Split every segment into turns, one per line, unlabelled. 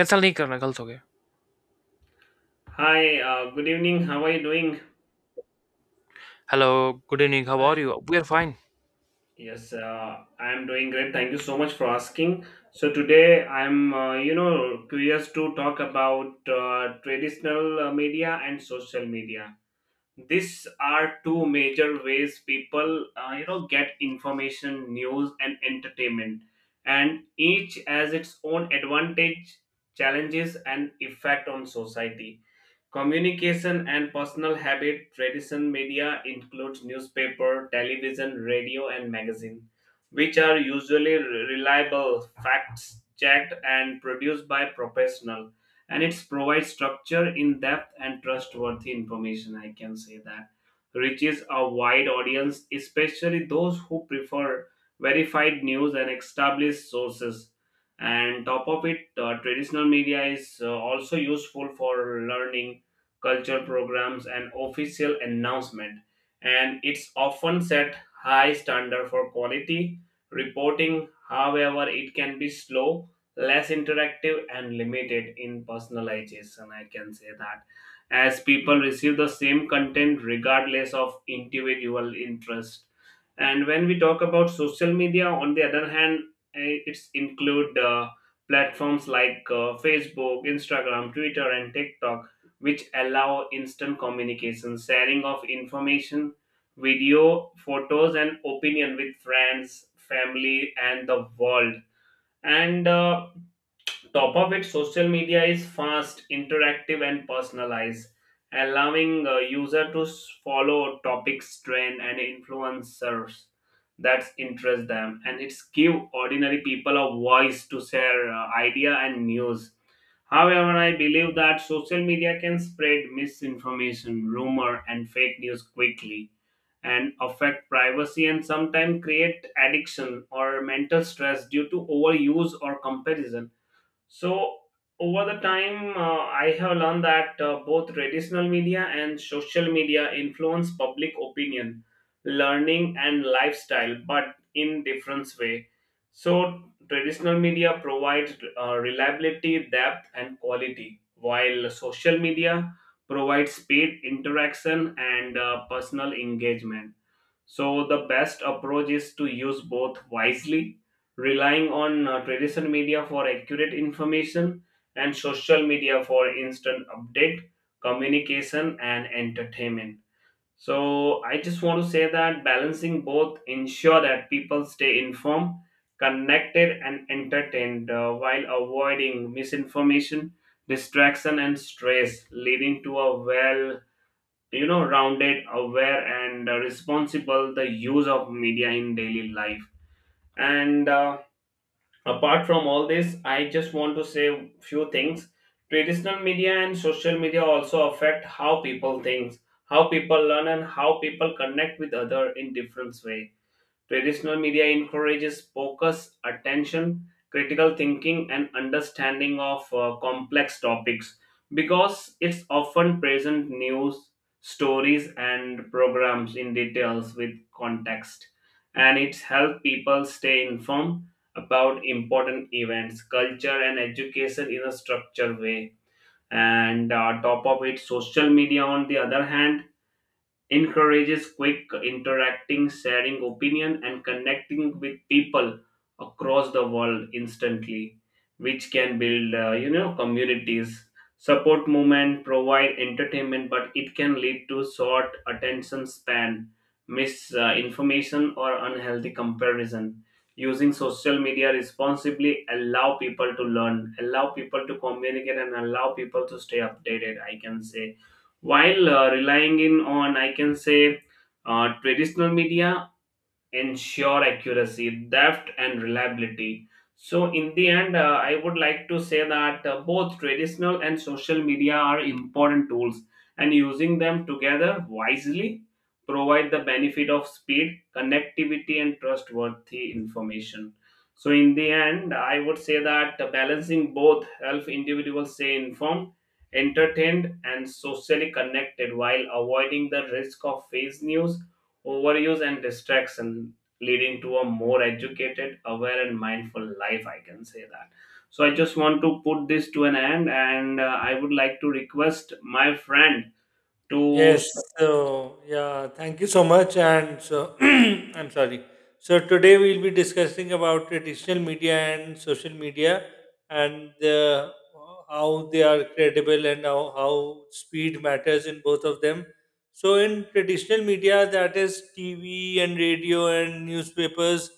Kansal nahi karna, kal soge.
Hi, good evening. How are you doing?
Hello, good evening. How are
Hi.
you? We are fine.
Yes, I am doing great. Thank you so much for asking. So today I'm curious to talk about traditional media and social media. These are two major ways people, get information, news, and entertainment, and each has its own advantage, challenges, and effect on society. Communication and personal habit, tradition media includes newspaper, television, radio, and magazine, which are usually reliable, facts checked, and produced by professional. And it provides structure, in depth, and trustworthy information, I can say that, reaches a wide audience, especially those who prefer verified news and established sources. And top of it, traditional media is also useful for learning, culture programs, and official announcement. And it's often set high standard for quality reporting. However, it can be slow, less interactive, and limited in personalization. I can say that as people receive the same content regardless of individual interest. And when we talk about social media, on the other hand, it's include platforms like Facebook, Instagram, Twitter, and TikTok, which allow instant communication, sharing of information, video, photos, and opinion with friends, family, and the world. And top of it, social media is fast, interactive, and personalized, allowing a user to follow topics, trend, and influencers that interest them. And it's give ordinary people a voice to share idea and news. However, I believe that social media can spread misinformation, rumor, and fake news quickly, and affect privacy, and sometimes create addiction or mental stress due to overuse or comparison. So, over the time, I have learned that both traditional media and social media influence public opinion, learning, and lifestyle, but in different way. So, traditional media provides reliability, depth, and quality, while social media provides speed, interaction, and personal engagement. So the best approach is to use both wisely, relying on traditional media for accurate information, and social media for instant update, communication, and entertainment. So I just want to say that balancing both ensure that people stay informed, connected, and entertained, while avoiding misinformation, distraction, and stress, leading to a well rounded, aware, and responsible the use of media in daily life. And apart from all this, I just want to say few things. Traditional media and social media also affect how people think, how people learn, and how people connect with other in different way. Traditional media encourages focus, attention, critical thinking, and understanding of complex topics, because it's often present news, stories, and programs in details with context. And it's helped people stay informed about important events, culture, and education in a structured way. And top of it, social media, on the other hand, encourages quick interacting, sharing opinion, and connecting with people across the world instantly, which can build, communities. Support movement provide entertainment, but it can lead to short attention span, misinformation, or unhealthy comparison. Using social media responsibly allow people to learn, allow people to communicate, and allow people to stay updated, I can say. While relying in on, I can say, traditional media ensure accuracy, depth, and reliability. So, in the end, I would like to say that both traditional and social media are important tools, and using them together wisely provide the benefit of speed, connectivity, and trustworthy information. So, in the end, I would say that balancing both helps individuals stay informed, entertained, and socially connected, while avoiding the risk of fake news, overuse, and distraction, leading to a more educated, aware, and mindful life, I can say that. So I just want to put this to an end, and I would like to request my friend to
Yes. So, yeah, thank you so much. And so, I'm sorry. So, today we'll be discussing about traditional media and social media and how they are credible and how speed matters in both of them. So, in traditional media, that is TV and radio and newspapers.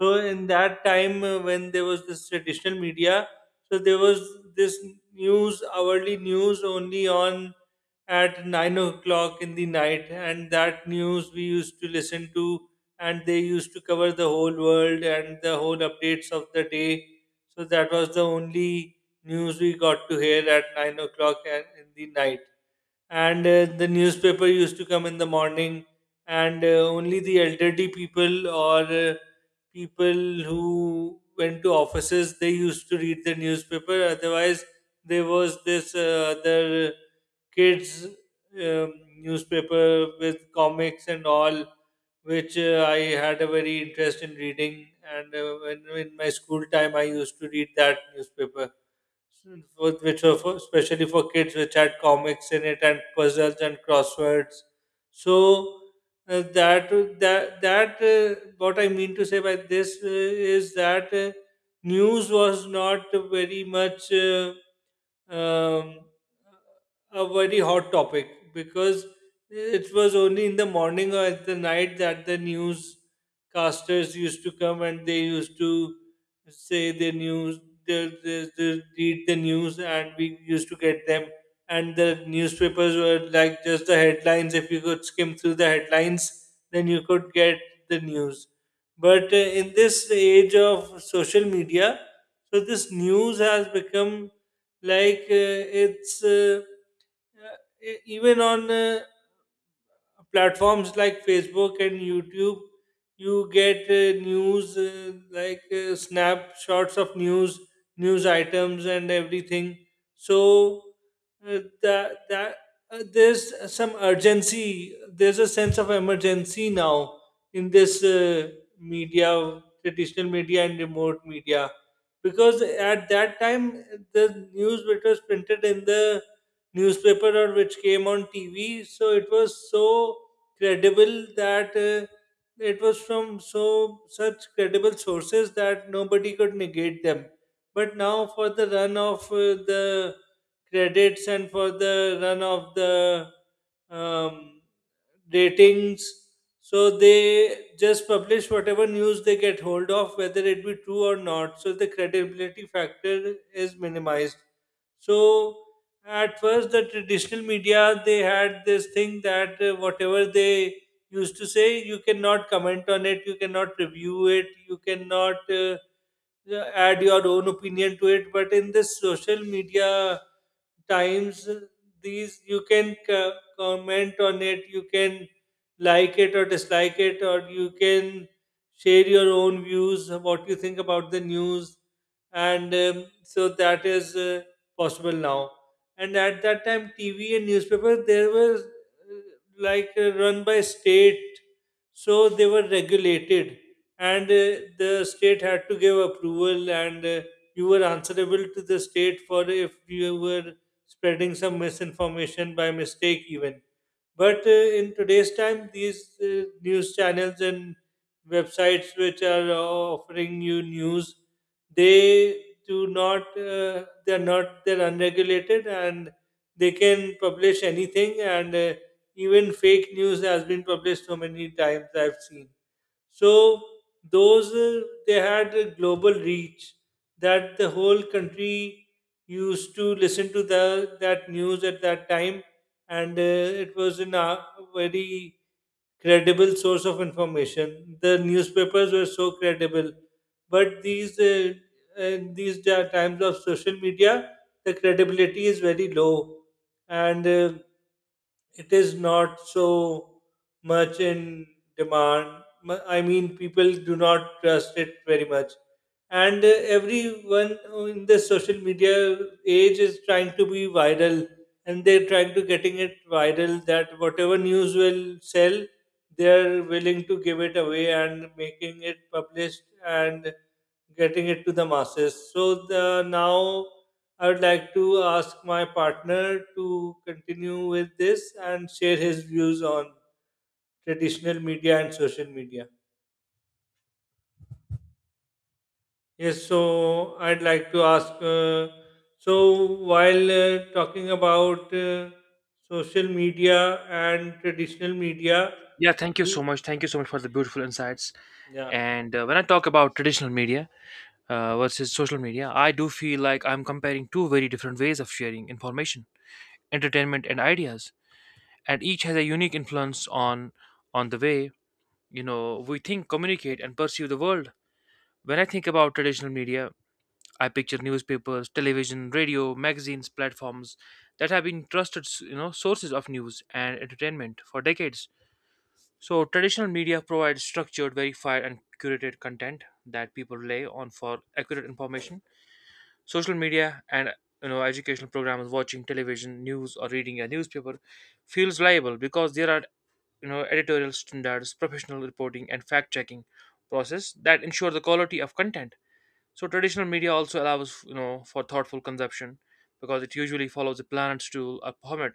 So, in that time when there was this traditional media, so there was this news, hourly news only on at 9 o'clock in the night, and that news we used to listen to, and they used to cover the whole world and the whole updates of the day. So that was the only news we got to hear at 9 o'clock in the night. And the newspaper used to come in the morning, and only the elderly people or people who went to offices they used to read the newspaper. Otherwise, there was this other kids um, newspaper with comics and all which I had a very interest in reading and when in my school time I used to read that newspaper s- which were for, especially for kids which had comics in it and puzzles and crosswords. So that that that what I mean to say by this is that news was not very much um, a very hot topic because it was only in the morning or at the night that the newscasters used to come and they used to say their news. They read the news, and we used to get them. And the newspapers were like just the headlines. If you could skim through the headlines, then you could get the news. But in this age of social media, so this news has become like even on platforms like Facebook and YouTube, you get news like snapshots of news, news items, and everything. So that that there's some urgency. There's a sense of emergency now in this media, traditional media and remote media, because at that time the news which was printed in the newspaper or which came on TV. So it was so credible that it was from so such credible sources that nobody could negate them. But now for the run of the credits and for the run of the um, ratings, so they just publish whatever news they get hold of, whether it be true or not. So the credibility factor is minimized. So at first the traditional media, they had this thing that whatever they used to say, you cannot comment on it, you cannot review it, you cannot add your own opinion to it. But in this social media times, these you can comment on it, you can like it or dislike it, or you can share your own views, what you think about the news. And so that is possible now. And at that time TV and newspaper, there was run by state, so they were regulated. And the state had to give approval, and you were answerable to the state for if you were spreading some misinformation by mistake even. But in today's time, these news channels and websites which are offering you news, they're not, they're unregulated, and they can publish anything. And even fake news has been published so many times, I've seen. So those they had a global reach, that the whole country used to listen to the that news at that time, and it was in a very credible source of information. The newspapers were so credible, but these times of social media, the credibility is very low, and it is not so much in demand. I mean, people do not trust it very much, and everyone in the social media age is trying to be viral, and they're trying to getting it viral that whatever news will sell, they're willing to give it away and making it published and getting it to the masses. So the now I would like to ask my partner to continue with this and share his views on traditional media and social media. Yes, so I'd like to ask. So while talking about social media and traditional media,
Yeah, thank you so
we
much. Thank you so much for the beautiful insights.
yeah.
And when I talk about traditional media versus social media, I do feel like I'm comparing two very different ways of sharing information, entertainment, and ideas, and each has a unique influence on the way, we think, communicate, and perceive the world. When I think about traditional media, I picture newspapers, television, radio, magazines, platforms that have been trusted, you know, sources of news and entertainment for decades. So traditional media provides structured, verified, and curated content that people rely on for accurate information. Social media and, educational programs, watching television news or reading a newspaper, feels liable because there are, editorial standards, professional reporting, and fact checking process that ensure the quality of content. So traditional media also allows, for thoughtful consumption because it usually follows a planned to a format,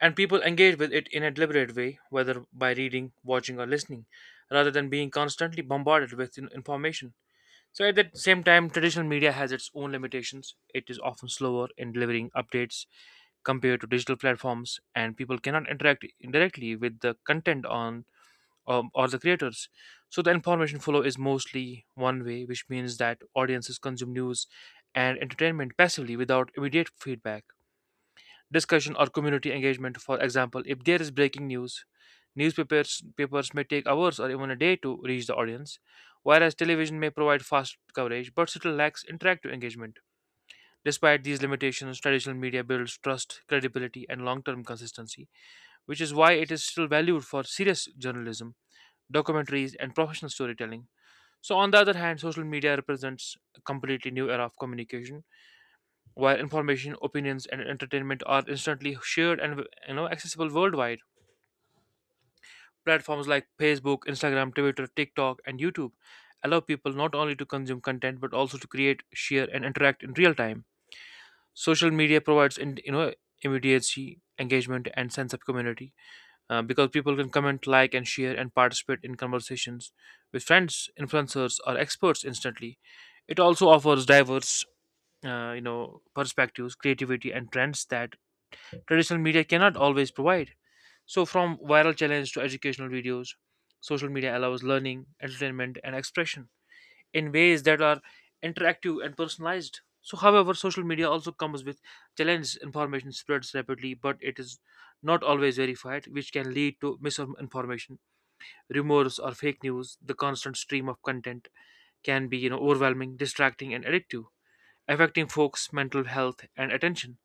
and people engage with it in a deliberate way, whether by reading, watching, or listening, rather than being constantly bombarded with information. So at the same time, traditional media has its own limitations. It is often slower in delivering updates compared to digital platforms, and people cannot interact directly with the content on or the creators. So the information flow is mostly one way, which means that audiences consume news and entertainment passively without immediate feedback. Discussion or community engagement, for example, if there is breaking news, newspapers papers may take hours or even a day to reach the audience, whereas television may provide fast coverage but still lacks interactive engagement. Despite these limitations, traditional media builds trust, credibility, and long term consistency, which is why it is still valued for serious journalism, documentaries, and professional storytelling. So, on the other hand, social media represents a completely new era of communication, where information, opinions, and entertainment are instantly shared and, accessible worldwide. Platforms like Facebook, Instagram, Twitter, TikTok, and YouTube allow people not only to consume content but also to create, share, and interact in real time. Social media provides, in, you know immediacy, engagement, and sense of community, because people can comment, like, and share and participate in conversations with friends, influencers, or experts instantly. It also offers diverse, perspectives, creativity, and trends that traditional media cannot always provide. So, from viral challenge to educational videos, social media allows learning, entertainment, and expression in ways that are interactive and personalized. So, however, social media also comes with challenges. Information spreads rapidly, but it is not always verified, which can lead to misinformation, rumors, or fake news. The constant stream of content can be, you know, overwhelming, distracting, and addictive, affecting folks' mental health and attention.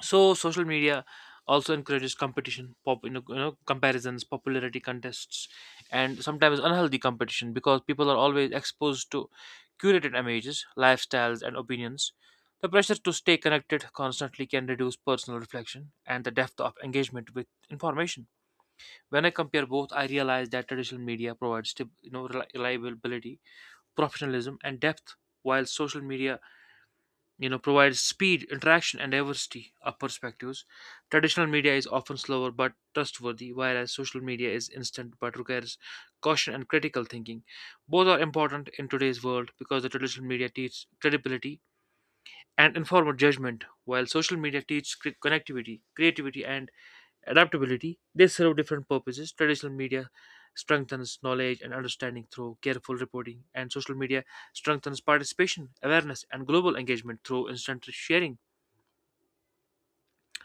So social media also encourages competition, pop you know comparisons, popularity contests, and sometimes unhealthy competition because people are always exposed to curated images, lifestyles, and opinions. The pressure to stay connected constantly can reduce personal reflection and the depth of engagement with information. When I compare both, I realize that traditional media provides reliability, professionalism, and depth, while social media, provides speed, interaction, and diversity of perspectives. Traditional media is often slower but trustworthy, whereas social media is instant but requires caution and critical thinking. Both are important in today's world because the traditional media teaches credibility and informed judgment. While social media teach connectivity, creativity, and adaptability, they serve different purposes. Traditional media strengthens knowledge and understanding through careful reporting, and social media strengthens participation, awareness, and global engagement through instant sharing.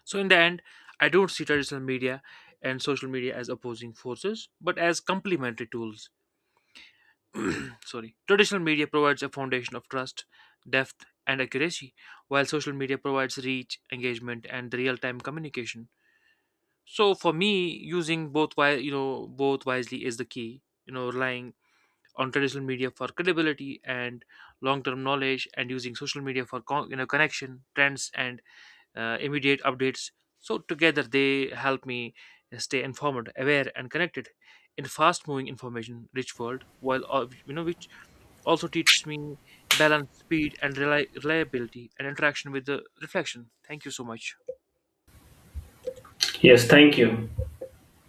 So, in the end, I don't see traditional media and social media as opposing forces, but as complementary tools. Sorry, traditional media provides a foundation of trust, depth, and accuracy, while social media provides reach, engagement, and the real-time communication. So for me, using both both wisely is the key, relying on traditional media for credibility and long-term knowledge, and using social media for connection, trends, and immediate updates. So together they help me stay informed, aware, and connected in fast moving information rich world, while which also teaches me balance, speed, and reliability and interaction with the reflection. Thank you so much.
yes thank you.